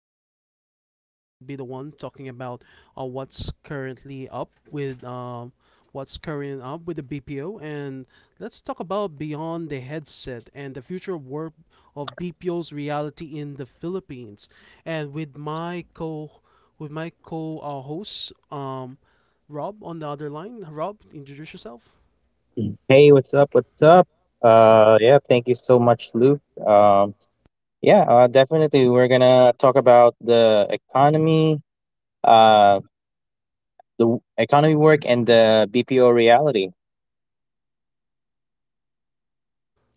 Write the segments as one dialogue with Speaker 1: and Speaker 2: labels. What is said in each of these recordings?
Speaker 1: your hosts, and I will be the one talking about what's currently up with what's current up with the BPO, and let's talk about beyond the headset and the future of work of BPO's reality in the Philippines, and with my co host, Rob on the other line. Rob, introduce yourself.
Speaker 2: Hey, what's up? What's up? Yeah, thank you so much, Luke. Yeah, definitely. We're gonna talk about the economy, uh, economy work, and the BPO reality.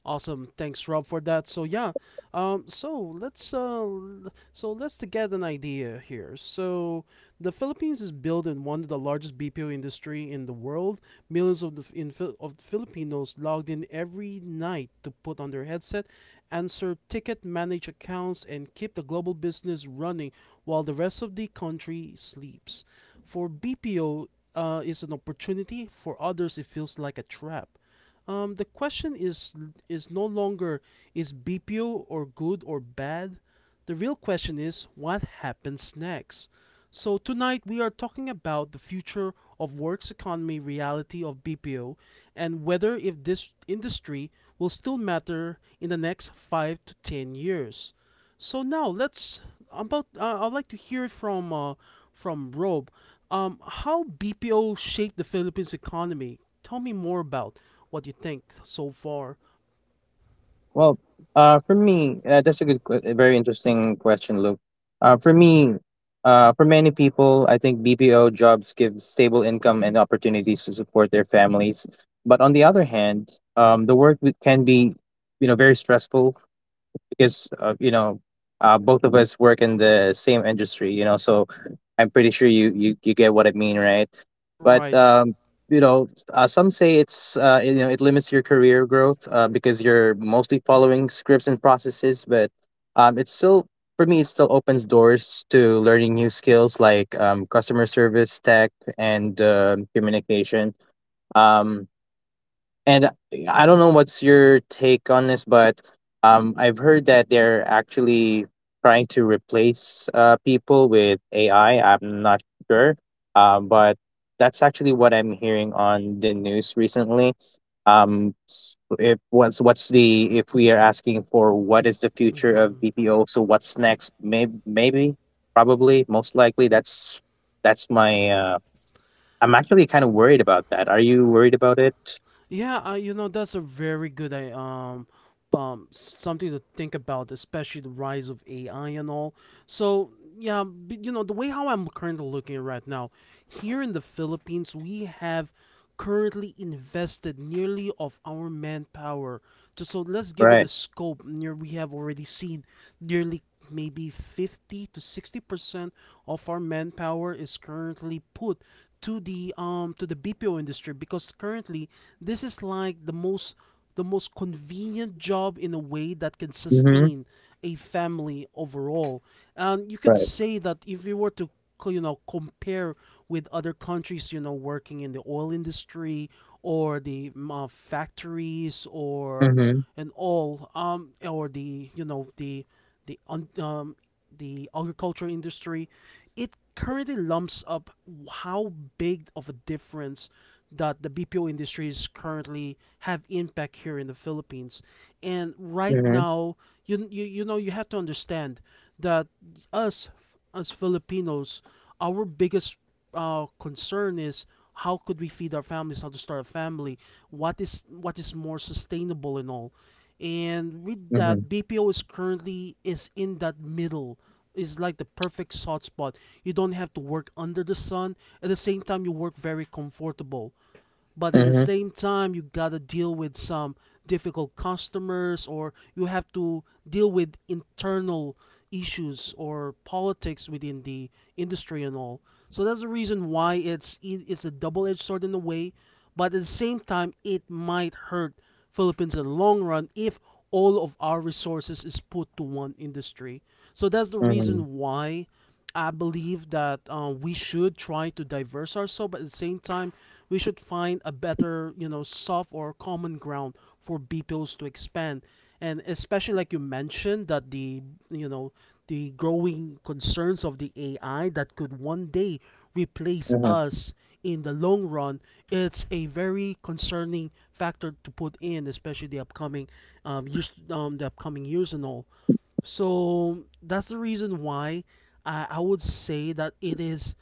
Speaker 1: Awesome. Thanks, Rob, for that. So yeah, so let's to get an idea here. So the Philippines is built in one of the largest BPO industry in the world. Millions of the f- in, Phil- of Filipinos logged in every night to put on their headset, answer ticket, manage accounts, and keep the global business running while the rest of the country sleeps. For BPO, is an opportunity. For others, it feels like a trap. The question is no longer is BPO or good or bad. The real question is what happens next. So tonight we are talking about the future of work's economy reality of BPO and whether if this industry will still matter in the next 5 to 10 years. So now let's about I'd like to hear from Rob, how BPO shaped the Philippines economy. Tell me more about what you think so far.
Speaker 2: Well, for me, that's a a very interesting question, Luke. Uh, for me, for many people, I think BPO jobs give stable income and opportunities to support their families. But on the other hand, the work can be, very stressful because both of us work in the same industry, you know, so I'm pretty sure you get what I mean, right? but
Speaker 1: Right.
Speaker 2: um you know uh, some say it's you know it limits your career growth, because you're mostly following scripts and processes. But um it's still for me it still opens doors to learning new skills like customer service, tech, and communication. Um and I don't know what's your take on this, but I've heard that they're actually trying to replace people with AI. I'm not sure, but that's actually what I'm hearing on the news recently. If we are asking for what is the future of BPO, so what's next? Maybe, maybe, probably, most likely. That's my. I'm actually kind of worried about that. Are you worried about it?
Speaker 1: Yeah, you know, that's a very good I- something to think about, especially the rise of AI and all. So yeah, but you know the way how I'm currently looking at right now, here in the Philippines, we have currently invested nearly of our manpower. To, so let's give it a
Speaker 2: Right.
Speaker 1: scope. Near we have already seen nearly maybe 50 to 60% of our manpower is currently put to the BPO industry because currently this is like the most convenient job in a way that can
Speaker 2: Mm-hmm.
Speaker 1: sustain a family overall. And you could
Speaker 2: Right.
Speaker 1: say that if you were to you know, compare with other countries, you know, working in the oil industry or the factories or
Speaker 2: Mhm,
Speaker 1: and all, or the, you know, the the agriculture industry, it currently lumps up how big of a difference that the BPO industries currently have impact here in the Philippines. And right
Speaker 2: mhm,
Speaker 1: now, you know, you have to understand that us as Filipinos, our biggest concern is how could we feed our families, how to start a family, what is more sustainable and all. And with
Speaker 2: mhm,
Speaker 1: that, BPO is currently is in that middle, is like the perfect hot spot. You don't have to work under the sun. At the same time, you work very comfortable. But at the
Speaker 2: mhm,
Speaker 1: same time, you gotta deal with some difficult customers, or you have to deal with internal issues or politics within the industry and all. So that's the reason why it's a double-edged sword in a way, but at the same time, it might hurt Philippines in the long run if all of our resources is put to one industry. So that's the
Speaker 2: mhm,
Speaker 1: reason why I believe that we should try to diverse ourselves, but at the same time, we should find a better, you know, soft or common ground for BPOs to expand. And especially like you mentioned that the, you know, the growing concerns of the AI that could one day replace
Speaker 2: mhm,
Speaker 1: us in the long run, it's a very concerning factor to put in, especially the upcoming years and all. So that's the reason why I would say that it is,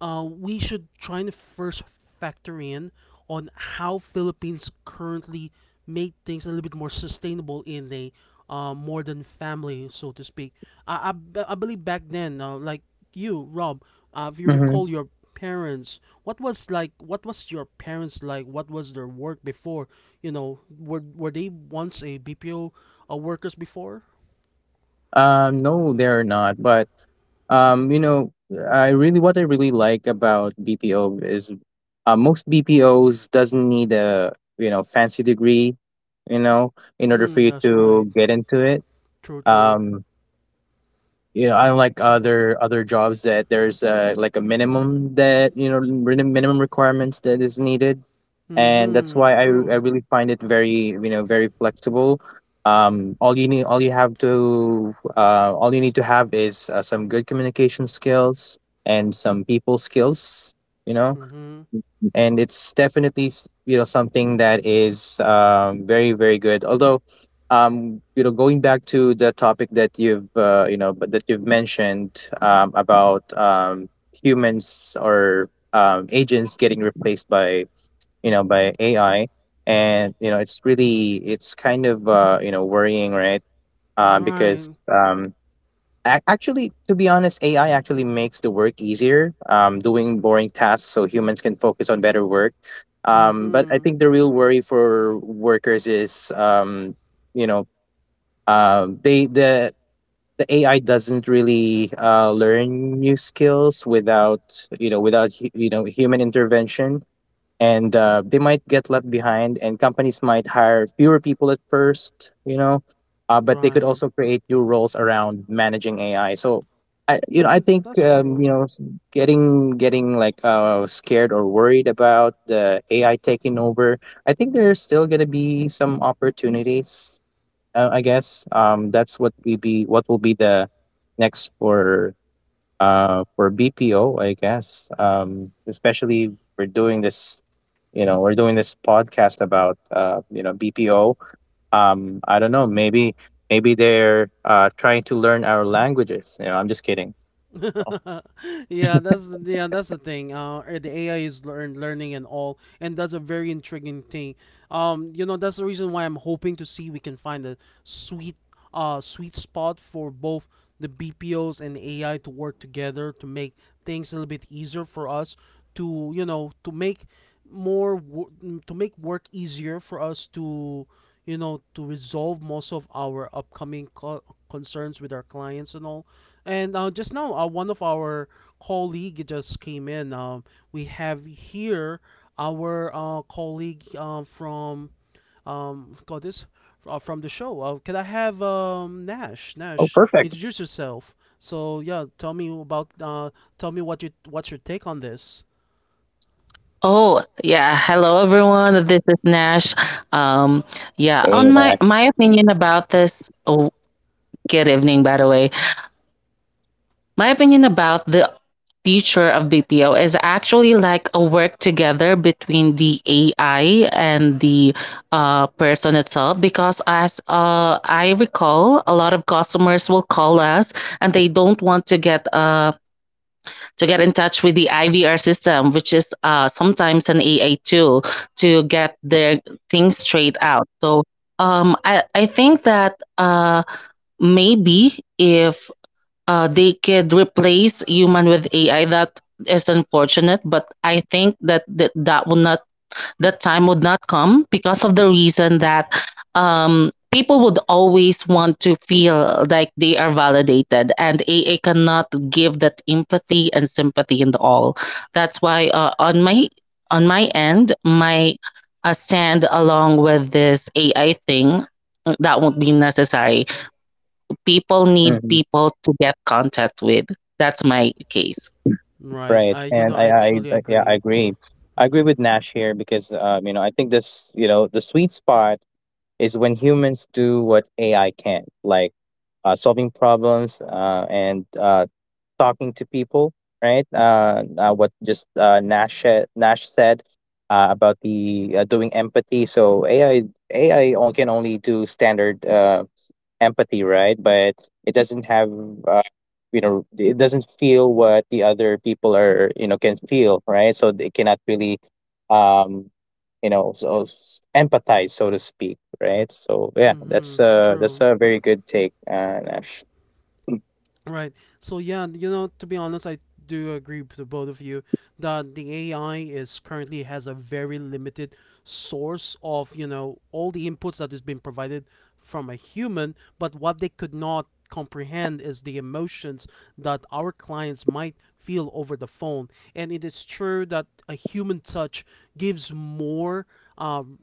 Speaker 1: we should try and first factor in on how Philippines currently make things a little bit more sustainable in a more than family, so to speak. I believe back then, like you, Rob, if you
Speaker 2: mhm.
Speaker 1: recall your parents, what was like, what was your parents like? What was their work before? You know, were they once a BPO workers before?
Speaker 2: No, they're not, but, um, you know, I really like about BPO is, most BPOs doesn't need a, fancy degree, you know, in order for
Speaker 1: Mm-hmm.
Speaker 2: you
Speaker 1: That's right.
Speaker 2: to get into it.
Speaker 1: True. True.
Speaker 2: Um, you know, unlike other jobs that there's, like a minimum that, you know, minimum requirements that is needed. And that's
Speaker 1: Mm-hmm.
Speaker 2: why I
Speaker 1: True.
Speaker 2: really find it very, you know, very flexible. Um, all you need all you have to All you need to have is some good communication skills and some people skills, you know,
Speaker 1: Mm-hmm.
Speaker 2: and it's definitely something that is very, very good. Although, going back to the topic that you've you know but that you've mentioned, about humans or agents getting replaced by, by AI, and you know it's really, it's kind of, worrying, right? um,
Speaker 1: Right.
Speaker 2: because um, Actually, to be honest, AI actually makes the work easier, doing boring tasks so humans can focus on better work. But I
Speaker 1: Mm-hmm.
Speaker 2: think the real worry for workers is, um, you know uh, they the the AI doesn't really learn new skills without, human intervention, and they might get left behind, and companies might hire fewer people at first, you know, but they could
Speaker 1: Right.
Speaker 2: also create new roles around managing AI. So I you know
Speaker 1: Yeah,
Speaker 2: I think
Speaker 1: that's
Speaker 2: you
Speaker 1: true.
Speaker 2: know getting scared or worried about the AI taking over, I think there's still going to be some opportunities. That's what we be what will be the next for BPO, I guess. Especially, we're doing this, you know, we're doing this podcast about, BPO. I don't know, maybe maybe they're trying to learn our languages, you know. I'm just kidding, so.
Speaker 1: Yeah, that's the thing. The AI is learning and all, and that's a very intriguing thing. You know, that's the reason why I'm hoping to see we can find a sweet sweet spot for both the BPOs and AI to work together to make things a little bit easier for us to, you know, to make work easier for us to, you know, to resolve most of our upcoming concerns with our clients and all. And just now, one of our colleague just came in, we have here our colleague from got this from the show. Can I have, Nash,
Speaker 2: Oh, perfect.
Speaker 1: introduce yourself? So yeah, tell me about tell me what you, what's your take on this.
Speaker 3: Oh, yeah. Hello, everyone. This is Nash. Um, yeah, on my
Speaker 2: Yeah.
Speaker 3: my opinion about this. Oh, good evening, by the way. My opinion about the future of BPO is actually like a work together between the AI and the person itself because as I recall, a lot of customers will call us and they don't want to get to get in touch with the IVR system, which is sometimes an AI tool to get their things straight out. So I think that maybe if they could replace human with AI. That is unfortunate, but I think that that, that would not that time would not come because of the reason that people would always want to feel like they are validated, and AI cannot give that empathy and sympathy and all. That's why on my end, my stand along with this AI thing that won't be necessary, people need
Speaker 2: Mhm.
Speaker 3: people to get contact with. That's my case.
Speaker 1: Right.
Speaker 2: Right.
Speaker 1: I you
Speaker 2: And
Speaker 1: know, I truly
Speaker 2: I, yeah, I
Speaker 1: agree.
Speaker 2: agree. I agree
Speaker 1: Mhm.
Speaker 2: with Nash here because, I think this, you know, the sweet spot is when humans do what AI can, like solving problems and talking to people, right? What just Nash said about the doing empathy. So AI can only do standard empathy, right? But it doesn't have, uh, it doesn't feel what the other people are, you know, can feel, right? So they cannot really um, empathize, so to speak, right? So yeah,
Speaker 1: Mhm.
Speaker 2: that's
Speaker 1: True.
Speaker 2: a very good take, Nash.
Speaker 1: Right. So yeah, you know, to be honest, I do agree with the both of you that the AI is currently has a very limited source of, you know, all the inputs that is being provided from a human, but what they could not comprehend is the emotions that our clients might feel over the phone. And it is true that a human touch gives more, um,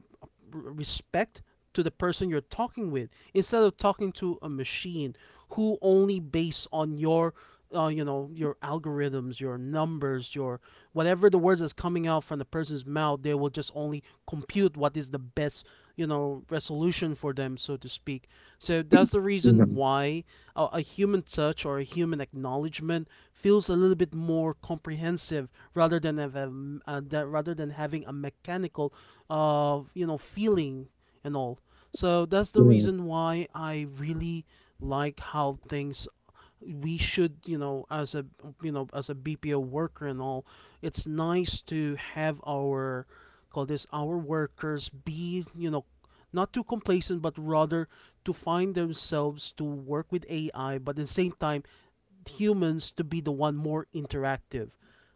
Speaker 1: respect to the person you're talking with instead of talking to a machine who only based on your, you know, your algorithms, your numbers, your whatever the words that's coming out from the person's mouth, they will just only compute what is the best, you know, resolution for them, so to speak. So that's the reason
Speaker 2: Mhm.
Speaker 1: why a human touch or a human acknowledgement feels a little bit more comprehensive rather than have a that rather than having a mechanical, you know, feeling and all. So that's the
Speaker 2: Mhm.
Speaker 1: reason why I really like how things, we should, you know, as a, you know, as a BPO worker and all, it's nice to have our call this our workers be, you know, not too complacent, but rather to find themselves to work with AI, but at the same time, humans to be the one more interactive,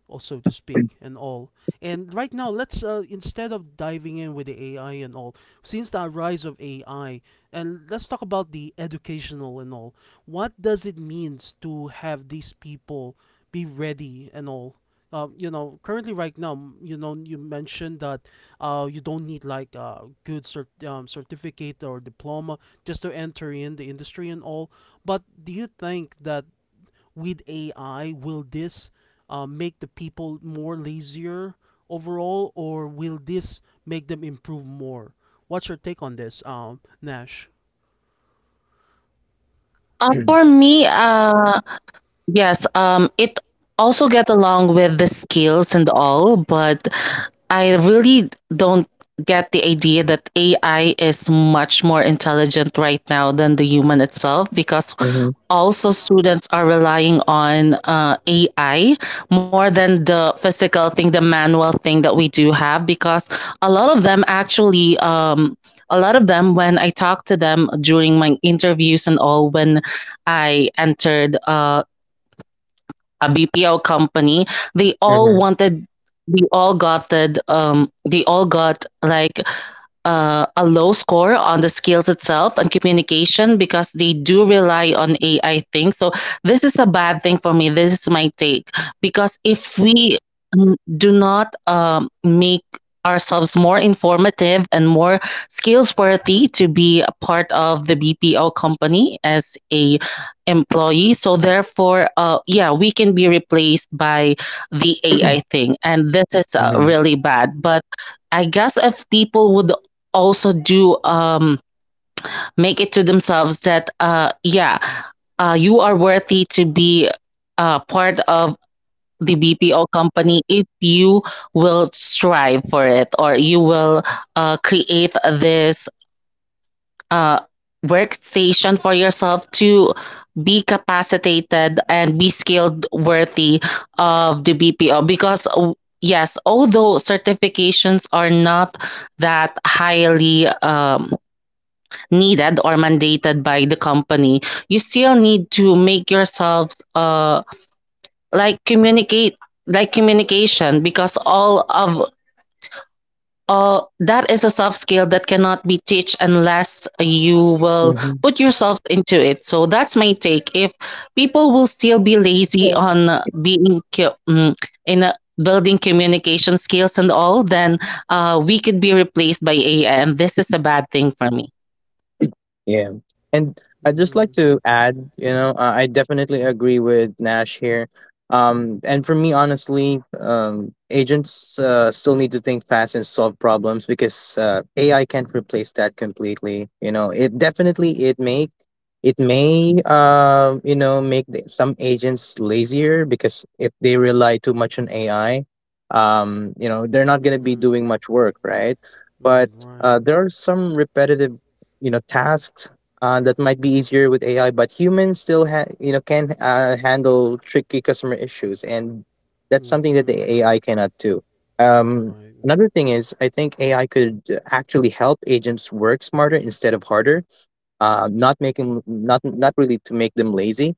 Speaker 1: or so to speak, and all. And right now, let's, instead of diving in with the AI and all, since the rise of AI, and let's talk about the educational and all, what does it means to have these people be ready and all? You know, currently right now, you know, you mentioned that you don't need like a good certificate or diploma just to enter in the industry and all. But do you think that with AI, will this, make the people more lazier overall, or will this make them improve more? What's your take on this, Nash?
Speaker 3: Uh, for me, uh, Yes, it also get along with the skills and all, but I really don't get the idea that AI is much more intelligent right now than the human itself because also students are relying on AI more than the physical thing, the manual thing that we do have because a lot of them actually, a lot of them when I talk to them during my interviews and all when I entered a BPO company, they all
Speaker 2: Mhm.
Speaker 3: wanted, they all got that, they all got like a low score on the skills itself and communication because they do rely on AI things. So this is a bad thing for me. This is my take because if we do not make ourselves more informative and more skills worthy to be a part of the BPO company as a employee, so therefore yeah, we can be replaced by the AI thing, and this is
Speaker 2: Mhm.
Speaker 3: really bad. But I guess if people would also do make it to themselves that yeah, you are worthy to be part of the BPO company if you will strive for it, or you will create this uh, workstation for yourself to be capacitated and be skilled worthy of the BPO because yes, although certifications are not that highly needed or mandated by the company, you still need to make yourselves like communicate, like communication, because all of all that is a soft skill that cannot be teach unless you will
Speaker 2: Mhm.
Speaker 3: put yourself into it. So that's my take: if people will still be lazy on in a building communication skills and all, then we could be replaced by AI, and this is a bad thing for me.
Speaker 2: Yeah. And I'd just
Speaker 1: Mm-hmm.
Speaker 2: like to add, you know, I definitely agree with Nash here. And for me, honestly, agents still need to think fast and solve problems because AI can't replace that completely. You know, it definitely it may you know make the, some agents lazier because if they rely too much on AI, you know, they're not going to be
Speaker 1: Mm-hmm.
Speaker 2: doing much work, right? But
Speaker 1: Right. Right.
Speaker 2: there are some repetitive you know tasks that might be easier with AI, but humans still ha- you know can handle tricky customer issues, and that's something that the
Speaker 1: Mm-hmm.
Speaker 2: AI cannot do. Um,
Speaker 1: Right.
Speaker 2: another thing is, I think AI could actually help agents work smarter instead of harder not making not not really to make them lazy.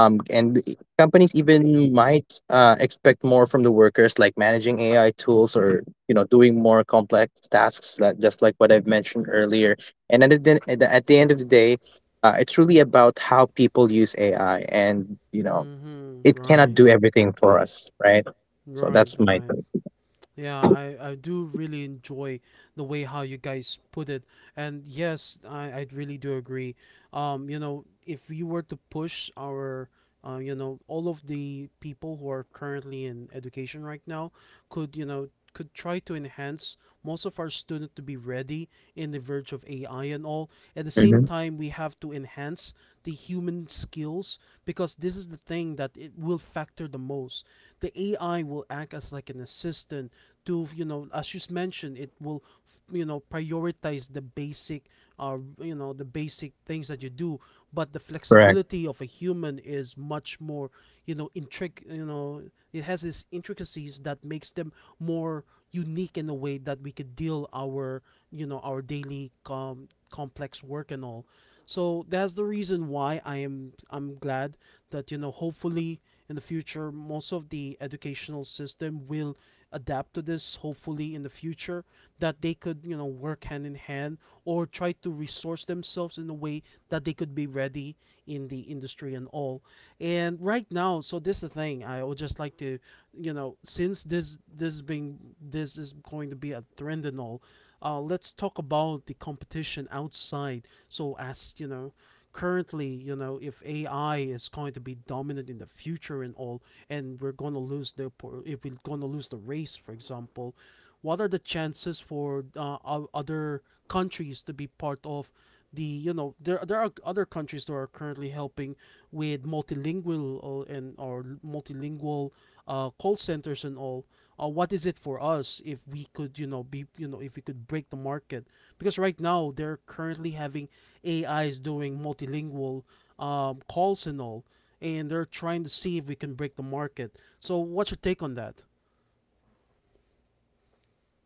Speaker 2: And companies even might expect more from the workers, like managing AI tools or you know doing more complex tasks, like, just like what I've mentioned earlier. And at the, at the at the end of the day, it's really about how people use AI, and you know
Speaker 1: Mm-hmm.
Speaker 2: it cannot
Speaker 1: Right.
Speaker 2: do everything for us, right? So
Speaker 1: Right,
Speaker 2: that's my
Speaker 1: right.
Speaker 2: take.
Speaker 1: Yeah, I do really enjoy the way how you guys put it. And yes, I really do agree. You know, if we were to push our, you know, all of the people who are currently in education right now, could, you know, could try to enhance most of our students to be ready in the verge of AI and all. At the same
Speaker 2: Mhm.
Speaker 1: time, we have to enhance the human skills because this is the thing that it will factor the most. The AI will act as like an assistant to, as you mentioned, it will prioritize the basic the basic things that you do, but the
Speaker 2: Correct.
Speaker 1: flexibility of a human is much more you know intric you know it has its intricacies that makes them more unique in a way that we could deal our our daily complex work and all. So that's the reason why I'm glad that, hopefully in the future, most of the educational system will adapt to this. Hopefully in the future, that they could work hand in hand or try to resource themselves in a way that they could be ready in the industry and all. And right now, so this is the thing I would just like to since this is going to be a trend and all. Let's talk about the competition outside. So as you know, currently, if AI is going to be dominant in the future and all, and we're going to lose the if we're going to lose the race, for example, what are the chances for other countries to be part of the there are other countries that are currently helping with multilingual or multilingual call centers and all. What is it for us if we could be if we could break the market, because right now they're currently having AIs doing multilingual calls and all, and they're trying to see if we can break the market. So what's your take on that?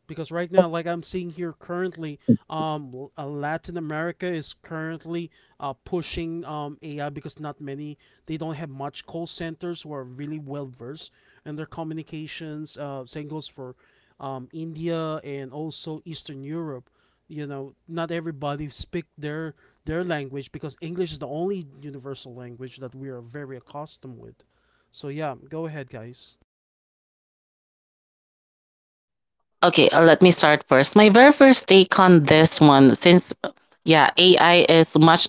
Speaker 1: Because right now, like, I'm seeing here currently, um Latin America is currently pushing AI because not many, they don't have much call centers who are really well versed in their communications. Same goes for India and also Eastern Europe. You know, not everybody speak their language, because English is the only universal language that we are very accustomed with. So yeah, go ahead, guys.
Speaker 3: Okay, let me start first my very first take on this one. Since yeah ai is much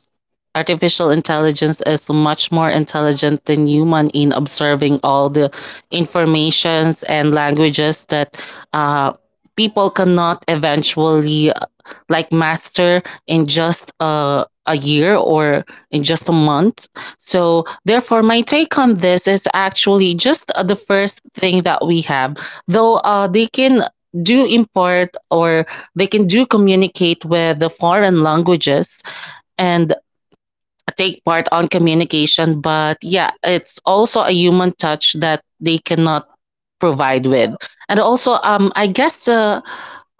Speaker 3: artificial intelligence is much more intelligent than human in observing all the informations and languages that uh, people cannot eventually like master in just a year or in just a month. So therefore, my take on this is actually just the first thing that we have. Though they can do import, or they can do communicate with the foreign languages and take part on communication, but yeah, it's also a human touch that they cannot provide with. And also um i guess uh,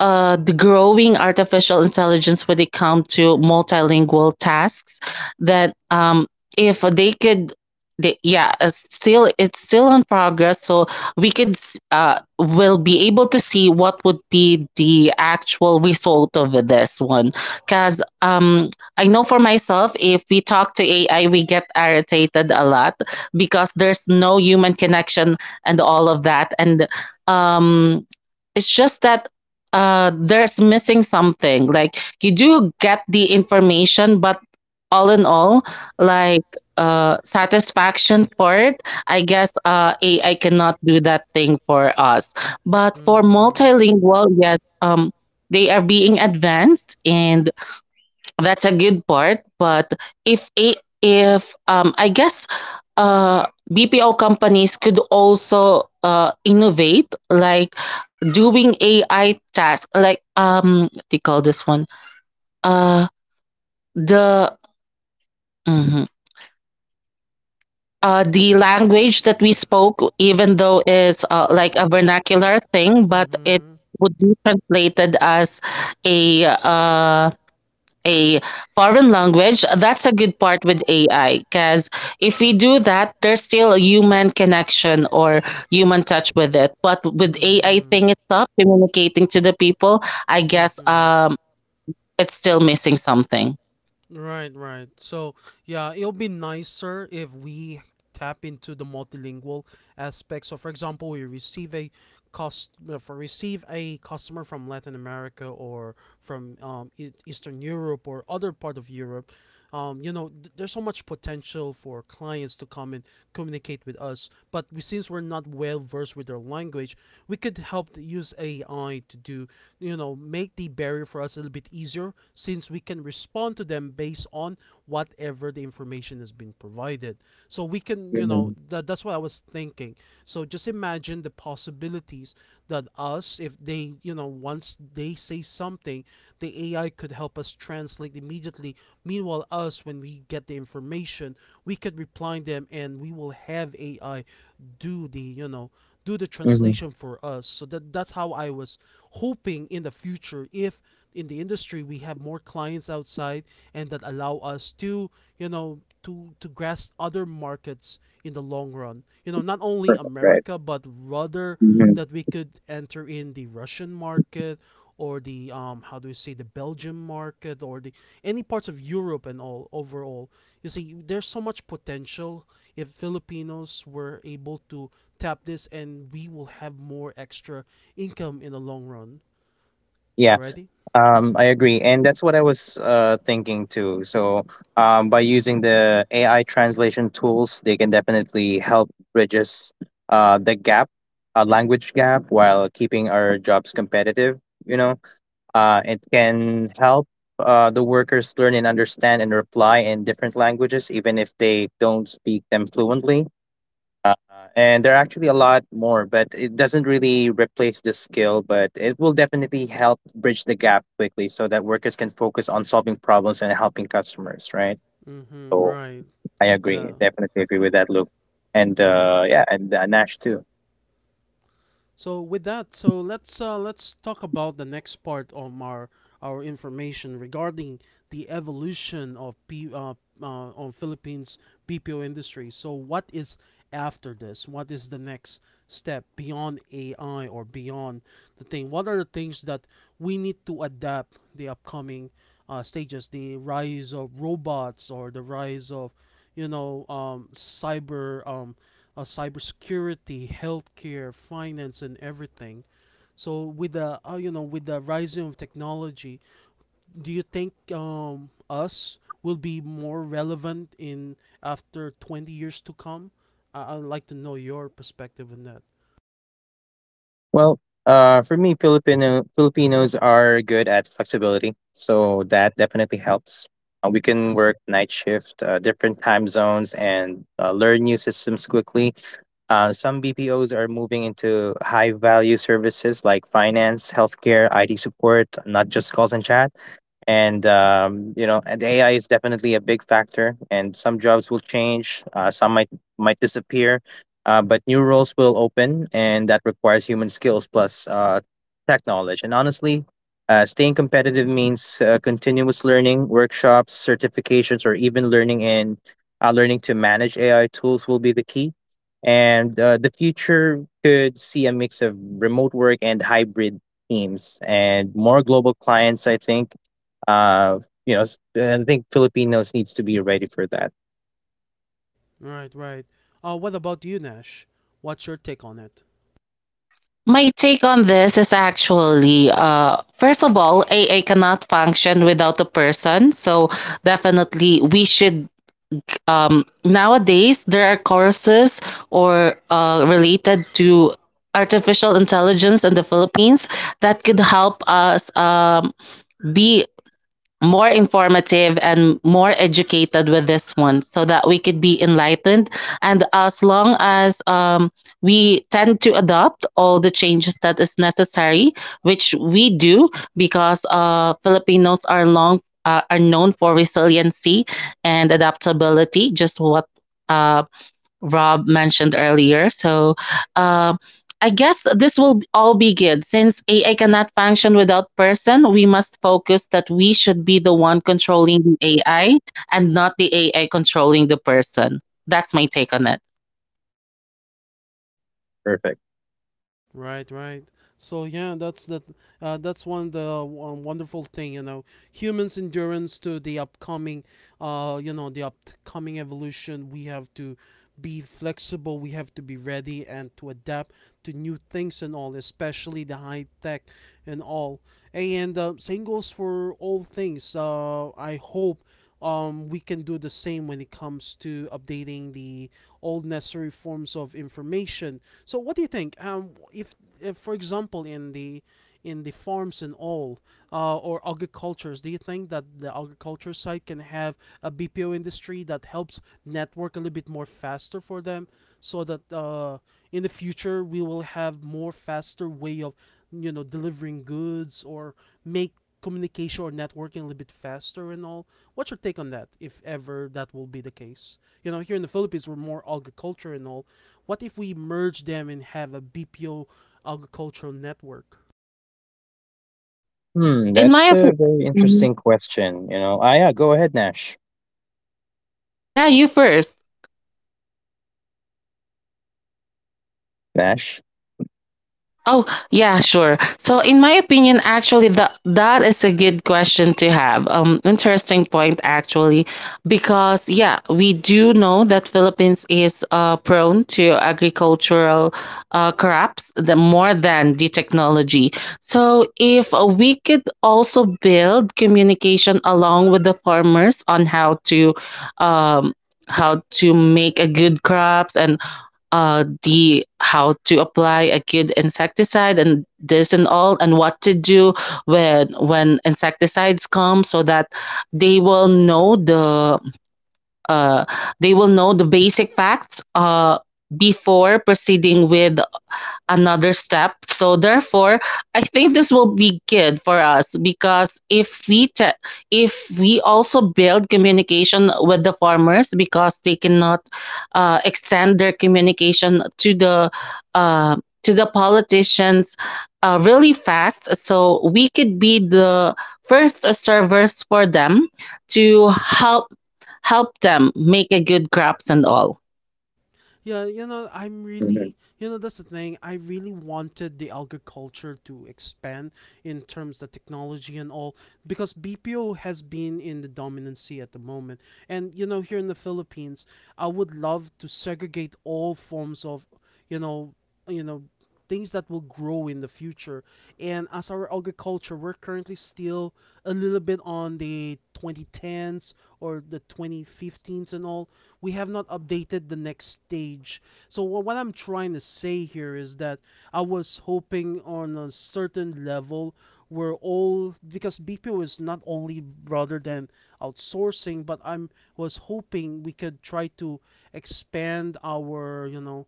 Speaker 3: uh the growing artificial intelligence when it comes to multilingual tasks, that if they could, yeah, it's still in progress. So we could will be able to see what would be the actual result of this one, because I know for myself, if we talk to AI, we get irritated a lot because there's no human connection and all of that. And um, it's just that there's missing something. Like you do get the information, but all in all, like satisfaction for it, I guess AI cannot do that thing for us. But for
Speaker 1: Mm-hmm.
Speaker 3: multilingual, yes, they are being advanced and that's a good part. But if I guess BPO companies could also innovate like doing AI tasks, like what do you call this one? Uh the mhm. The language that we spoke, even though it's like a vernacular thing, but it
Speaker 1: Mm-hmm.
Speaker 3: would be translated as a uh a foreign language, that's a good part with AI. Because if we do that, there's still a human connection or human touch with it. But with AI
Speaker 1: Mm-hmm.
Speaker 3: thing it's up, communicating to the people, I guess
Speaker 1: Mm-hmm.
Speaker 3: it's still missing something.
Speaker 1: Right, right. So yeah, it'll be nicer if we tap into the multilingual aspect. So, for example, we receive a cost for receive a customer from Latin America or from Eastern Europe or other part of Europe. Um, you know, there's so much potential for clients to come and communicate with us. But we, since we're not well versed with their language, we could help to use AI to do, you know, make the barrier for us a little bit easier, since we can respond to them based on whatever the information has been provided. So we can,
Speaker 2: Hmm.
Speaker 1: that, that's what I was thinking. So just imagine the possibilities that us, if they once they say something, the AI could help us translate immediately. Meanwhile, us, when we get the information, we could reply them, and we will have AI do the do the
Speaker 2: Hmm.
Speaker 1: translation for us. So that, that's how I was hoping in the future, if in the industry we have more clients outside, and that allow us to to grasp other markets in the long run. You know, not only
Speaker 2: Perfect. Right.
Speaker 1: America, but rather
Speaker 2: Mhm.
Speaker 1: that we could enter in the Russian market or the, um, how do we say, the Belgian market, or the any parts of Europe and all overall. You see, there's so much potential if Filipinos were able to tap this, and we will have more extra income in the long run. Alrighty?
Speaker 2: I agree, and that's what I was thinking too. So, by using the AI translation tools, they can definitely help bridges the gap, a language gap, while keeping our jobs competitive. You know, it can help the workers learn and understand and reply in different languages, even if they don't speak them fluently. Uh, and there are actually a lot more, but it doesn't really replace the skill, but it will definitely help bridge the gap quickly so that workers can focus on solving problems and helping customers, right?
Speaker 1: Mm-hmm.
Speaker 2: So
Speaker 1: Right.
Speaker 2: I agree,
Speaker 1: Yeah.
Speaker 2: definitely agree with that, Luke. And
Speaker 1: Right.
Speaker 2: Yeah, and Nash too.
Speaker 1: So with that, so let's, let's talk about the next part of our information regarding the evolution of on Philippines BPO industry. So what is after this? What is the next step beyond AI or beyond the thing? What are the things that we need to adapt the upcoming stages? The rise of robots or the rise of, you know, cybersecurity, healthcare, finance, and everything. So with the, you know, with the rising of technology, do you think, us will be more relevant in after 20 years to come? I'd like to know your perspective on that.
Speaker 2: Well, for me, Filipinos are good at flexibility, so that definitely helps. We can work night shift, different time zones, and learn new systems quickly. Some BPOs are moving into high value services like finance, healthcare, IT support, not just calls and chat. And um, you know and AI is definitely a big factor, and some jobs will change, some might disappear, but new roles will open, and that requires human skills plus tech knowledge. And honestly, staying competitive means continuous learning, workshops, certifications, or even learning to manage AI tools will be the key. And the future could see a mix of remote work and hybrid teams and more global clients, I think. uh, I think Filipinos needs to be ready for that.
Speaker 1: Right, right. What about you, Nash? What's your take on it?
Speaker 3: My take on this is actually, first of all, AI cannot function without a person. So definitely we should nowadays there are courses or related to artificial intelligence in the Philippines that could help us be more informative and more educated with this one so that we could be enlightened. And as long as we tend to adopt all the changes that is necessary, which we do because Filipinos are long are known for resiliency and adaptability, just what uh, rob mentioned earlier. So um I guess this will all be good. Since AI cannot function without person, we must focus that we should be the one controlling the AI, and not the AI controlling the person. That's my take on it.
Speaker 2: Perfect.
Speaker 1: Right, right. So yeah, that's that. That's one of the, wonderful thing, you know, humans' endurance to the upcoming, you know, the upcoming evolution. We have to be flexible. We have to be ready and to adapt to new things and all, especially the high tech and all. And, same goes for all things. I hope, we can do the same when it comes to updating the old necessary forms of information. So, what do you think? If for example, in the, in the farms and all, or agricultures, do you think that the agriculture side can have a BPO industry that helps network a little bit more faster for them, so that, in the future we will have more faster way of, delivering goods or make communication or networking a little bit faster and all? What's your take on that, if ever that will be the case? You know, here in the Philippines, we're more agriculture and all. What if we merge them and have a BPO agricultural network?
Speaker 2: Hmm,
Speaker 3: In
Speaker 2: that's
Speaker 3: my
Speaker 2: a very
Speaker 3: opinion,
Speaker 2: interesting question. You know, ah, yeah, go ahead, Nash.
Speaker 3: yeah, you first.
Speaker 2: Nash.
Speaker 3: Oh, yeah, sure. So in my opinion, actually the that is a good question to have. Interesting point actually, because yeah, we do know that Philippines is prone to agricultural crops the more than the technology. So if we could also build communication along with the farmers on how to um make a good crops, and the how to apply a good insecticide and this and all, and what to do when insecticides come, so that they will know the uh, basic facts before proceeding with another step. So therefore, I think this will be good for us because if we also build communication with the farmers, because they cannot extend their communication to the uh, to the politicians really fast, so we could be the first servers for them to help them make a good crops and all.
Speaker 1: Yeah, you know, I'm really,
Speaker 2: Mhm.
Speaker 1: you know, that's the thing. I really wanted the agriculture to expand in terms of technology and all, because BPO has been in the dominancy at the moment. And, you know, here in the Philippines, I would love to segregate all forms of, you know, you know, things that will grow in the future. And as our agriculture, we're currently still a little bit on the 2010s or the 2015s and all. We have not updated the next stage. So what I'm trying to say here is that I was hoping on a certain level where all, because BPO is not only rather than outsourcing, but I'm was hoping we could try to expand our,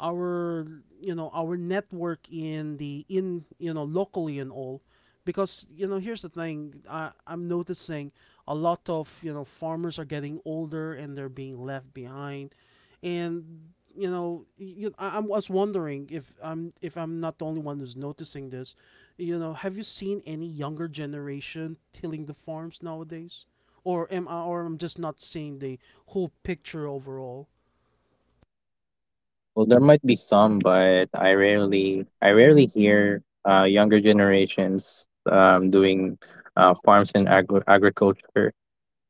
Speaker 1: our, our network in the, in, you know, locally and all. Because, you know, here's the thing, I'm noticing a lot of, you know, farmers are getting older and they're being left behind. And, you know, you, I was wondering if I'm not the only one who's noticing this. You know, have you seen any younger generation tilling the farms nowadays, or am I or I'm just not seeing the whole picture overall?
Speaker 2: Well, there might be some, but I rarely hear younger generations doing farms and agriculture.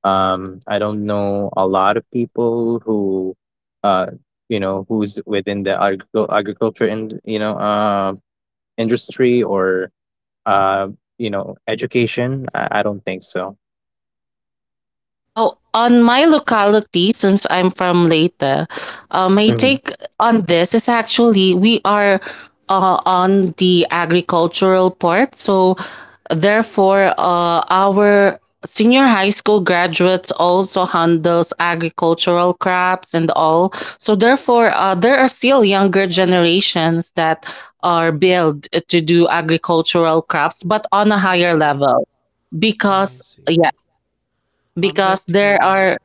Speaker 2: I don't know a lot of people who, uh, who's within the agriculture and, industry or Uh, you know, education? I don't think so.
Speaker 3: Oh, on my locality, since I'm from Leyte, my
Speaker 2: Mhm.
Speaker 3: take on this is actually we are on the agricultural part. So therefore our senior high school graduates also handles agricultural crops and all, so therefore there are still younger generations that are built to do agricultural crops, but on a higher
Speaker 1: Awesome.
Speaker 3: level,
Speaker 1: I
Speaker 3: because
Speaker 1: see.
Speaker 3: yeah,
Speaker 1: I'm glad
Speaker 3: because
Speaker 1: to hear
Speaker 3: there
Speaker 1: that.
Speaker 3: are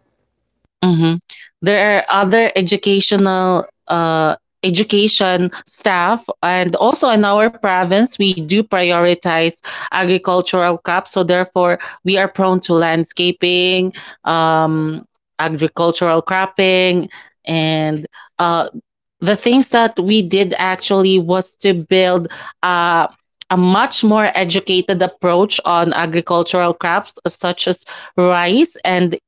Speaker 3: hmm There are other educational education staff. And also in our province, we do prioritize agricultural crops. So therefore, we are prone to landscaping, um, agricultural cropping, and uh, the things that we did actually was to build uh, a much more educated approach on agricultural crops such as rice. And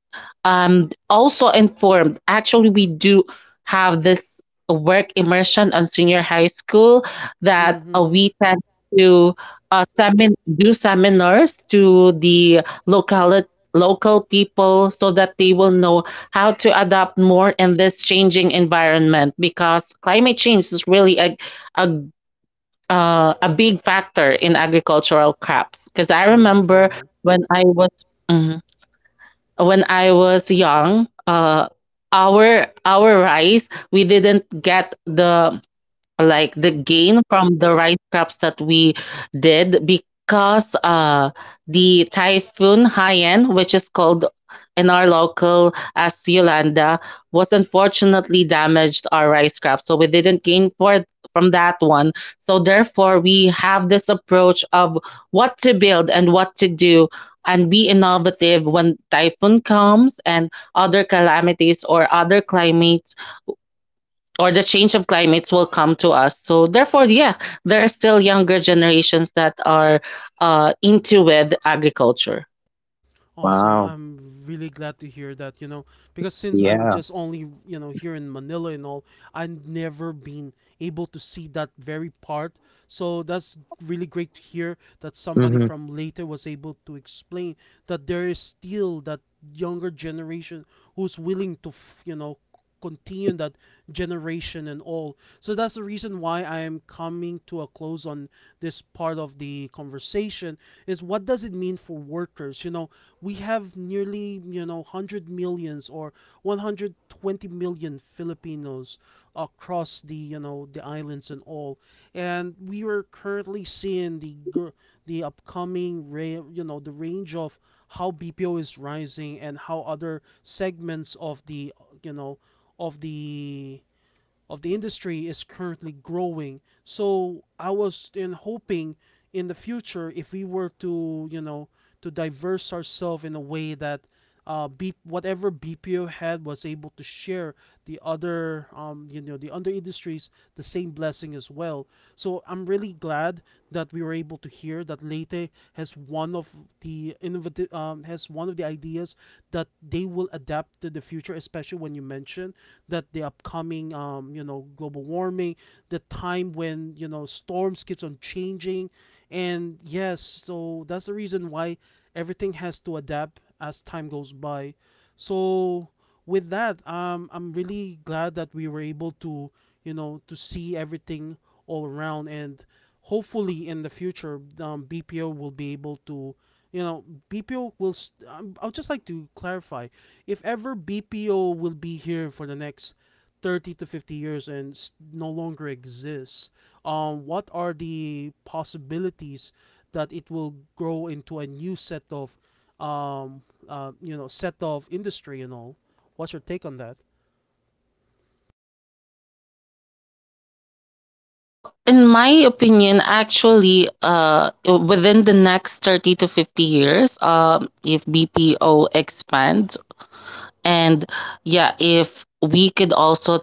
Speaker 3: also informed, actually, we do have this work immersion on senior high school that
Speaker 1: Mm-hmm.
Speaker 3: we tend to do seminars to the local local people so that they will know how to adapt more in this changing environment, because climate change is really a a big factor in agricultural crops. Because I
Speaker 1: True,
Speaker 3: remember
Speaker 1: true.
Speaker 3: when mm-hmm, when I was young, our rice, we didn't get the like the gain from the rice crops that we did, because the typhoon Haiyan, which is called in our local as Yolanda, was unfortunately damaged our rice crops. So we didn't gain for from that one. So therefore we have this approach of what to build and what to do and be innovative when typhoon comes, and other calamities or other climates or the change of climates will come to us. So therefore, yeah, there are still younger generations that are into with agriculture.
Speaker 1: Awesome.
Speaker 2: Wow.
Speaker 1: I'm really glad to hear that, you know, because since I'm
Speaker 2: Yeah.
Speaker 1: just only, you know, here in Manila and all, I've never been able to see that very part. So that's really great to hear that somebody
Speaker 2: Hmm.
Speaker 1: from Leyte was able to explain that there is still that younger generation who's willing to you know, continue that generation and all. So that's the reason why I am coming to a close on this part of the conversation, is what does it mean for workers? You know, we have nearly, you know, 100 million Philippines or 120 million Filipinos across the, you know, the islands and all. And we are currently seeing the the upcoming you know, the range of how BPO is rising and how other segments of the, you know of the, of the industry is currently growing. So I was in hoping in the future, if we were to, you know, to diverse ourselves in a way that, whatever BPO had was able to share the other, you know, the other industries the same blessing as well. So I'm really glad that we were able to hear that Leyte has one of the innovative, has one of the ideas that they will adapt to the future, especially when you mention that the upcoming, you know, global warming, the time when, you know, storms keeps on changing, and yes, so that's the reason why everything has to adapt as time goes by. So with that, I'm really glad that we were able to, you know, to see everything all around, and hopefully in the future, BPO will be able to, you know, BPO will. Um, I'll just like to clarify, if ever BPO will be here for the next 30 to 50 years and s no longer exists, what are the possibilities that it will grow into a new set of, um, you know, set of industry and all? What's your take on that?
Speaker 3: In my opinion, actually, within the next 30 to 50 years, if BPO expands, and yeah, if we could also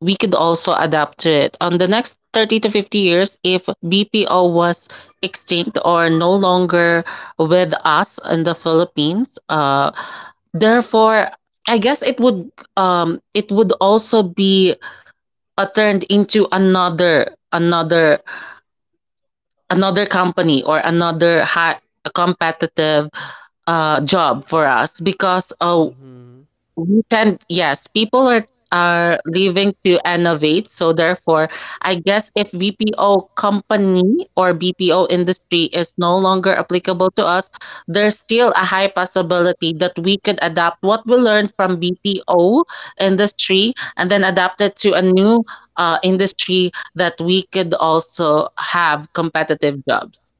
Speaker 3: adapt to it. On the next 30 to 50 years, if BPO was extinct or no longer with us in the Philippines, therefore, I guess it would also be turned into another another company, or another high competitive job for us, because
Speaker 1: Mm-hmm.
Speaker 3: yes, people are leaving to innovate. So therefore, I guess if BPO company or BPO industry is no longer applicable to us, there's still a high possibility that we could adapt what we learned from BPO industry, and then adapt it to a new industry that we could also have competitive jobs.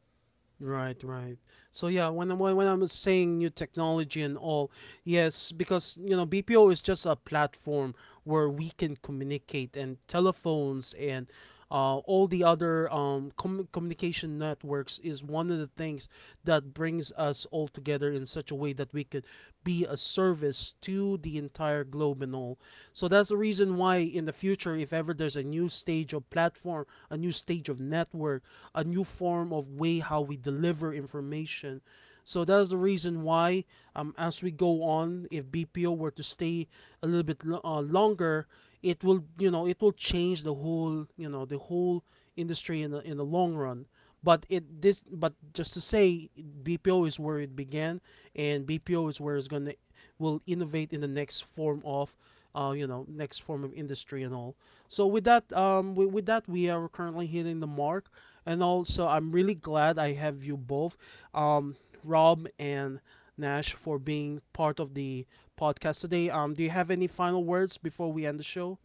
Speaker 1: Right, right. So yeah, when I am saying new technology and all, yes, because, you know, BPO is just a platform where we can communicate and telephones and, all the other, communication networks is one of the things that brings us all together in such a way that we could be a service to the entire globe and all. So that's the reason why in the future, if ever there's a new stage of platform, a new stage of network, a new form of way how we deliver information. So that is the reason why, as we go on, if BPO were to stay a little bit longer, it will, you know, it will change the whole, you know, the whole industry in the, in the long run. But it this but just to say, BPO is where it began, and BPO is where it's gonna will innovate in the next form of, you know, next form of industry and all. So with that, um, with that, we are currently hitting the mark. And also I'm really glad I have you both, um, Rob and Nash, for being part of the podcast today. Um, do you have any final words before we end the show?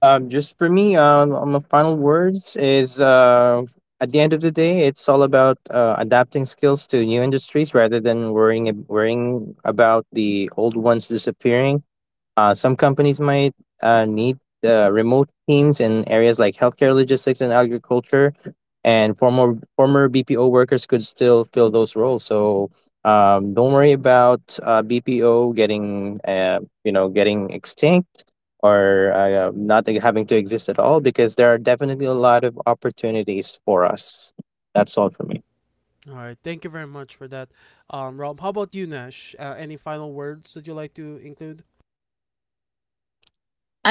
Speaker 2: Just for me, on my final words is, at the end of the day, it's all about adapting skills to new industries rather than worrying about the old ones disappearing. Some companies might need remote teams in areas like healthcare, logistics, and agriculture. And former BPO workers could still fill those roles. So don't worry about BPO getting, getting extinct or not e, having to exist at all, because there are definitely a lot of opportunities for us. That's all for me.
Speaker 1: All right, thank you very much for that. Um, Rob, how about you? Nash, any final words that you'd like to include?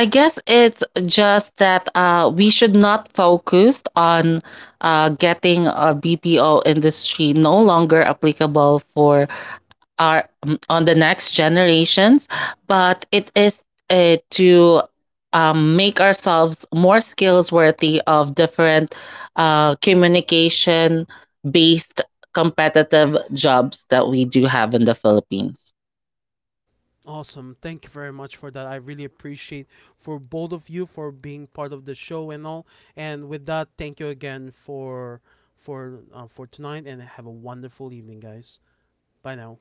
Speaker 3: I guess it's just that we should not focus on getting a BPO industry no longer applicable for our on the next generations, but it is to make ourselves more skills worthy of different communication based competitive jobs that we do have in the Philippines.
Speaker 1: Awesome. Thank you very much for that. I really appreciate for both of you for being part of the show and all. And with that, thank you again for, for tonight, and have a wonderful evening, guys. Bye now.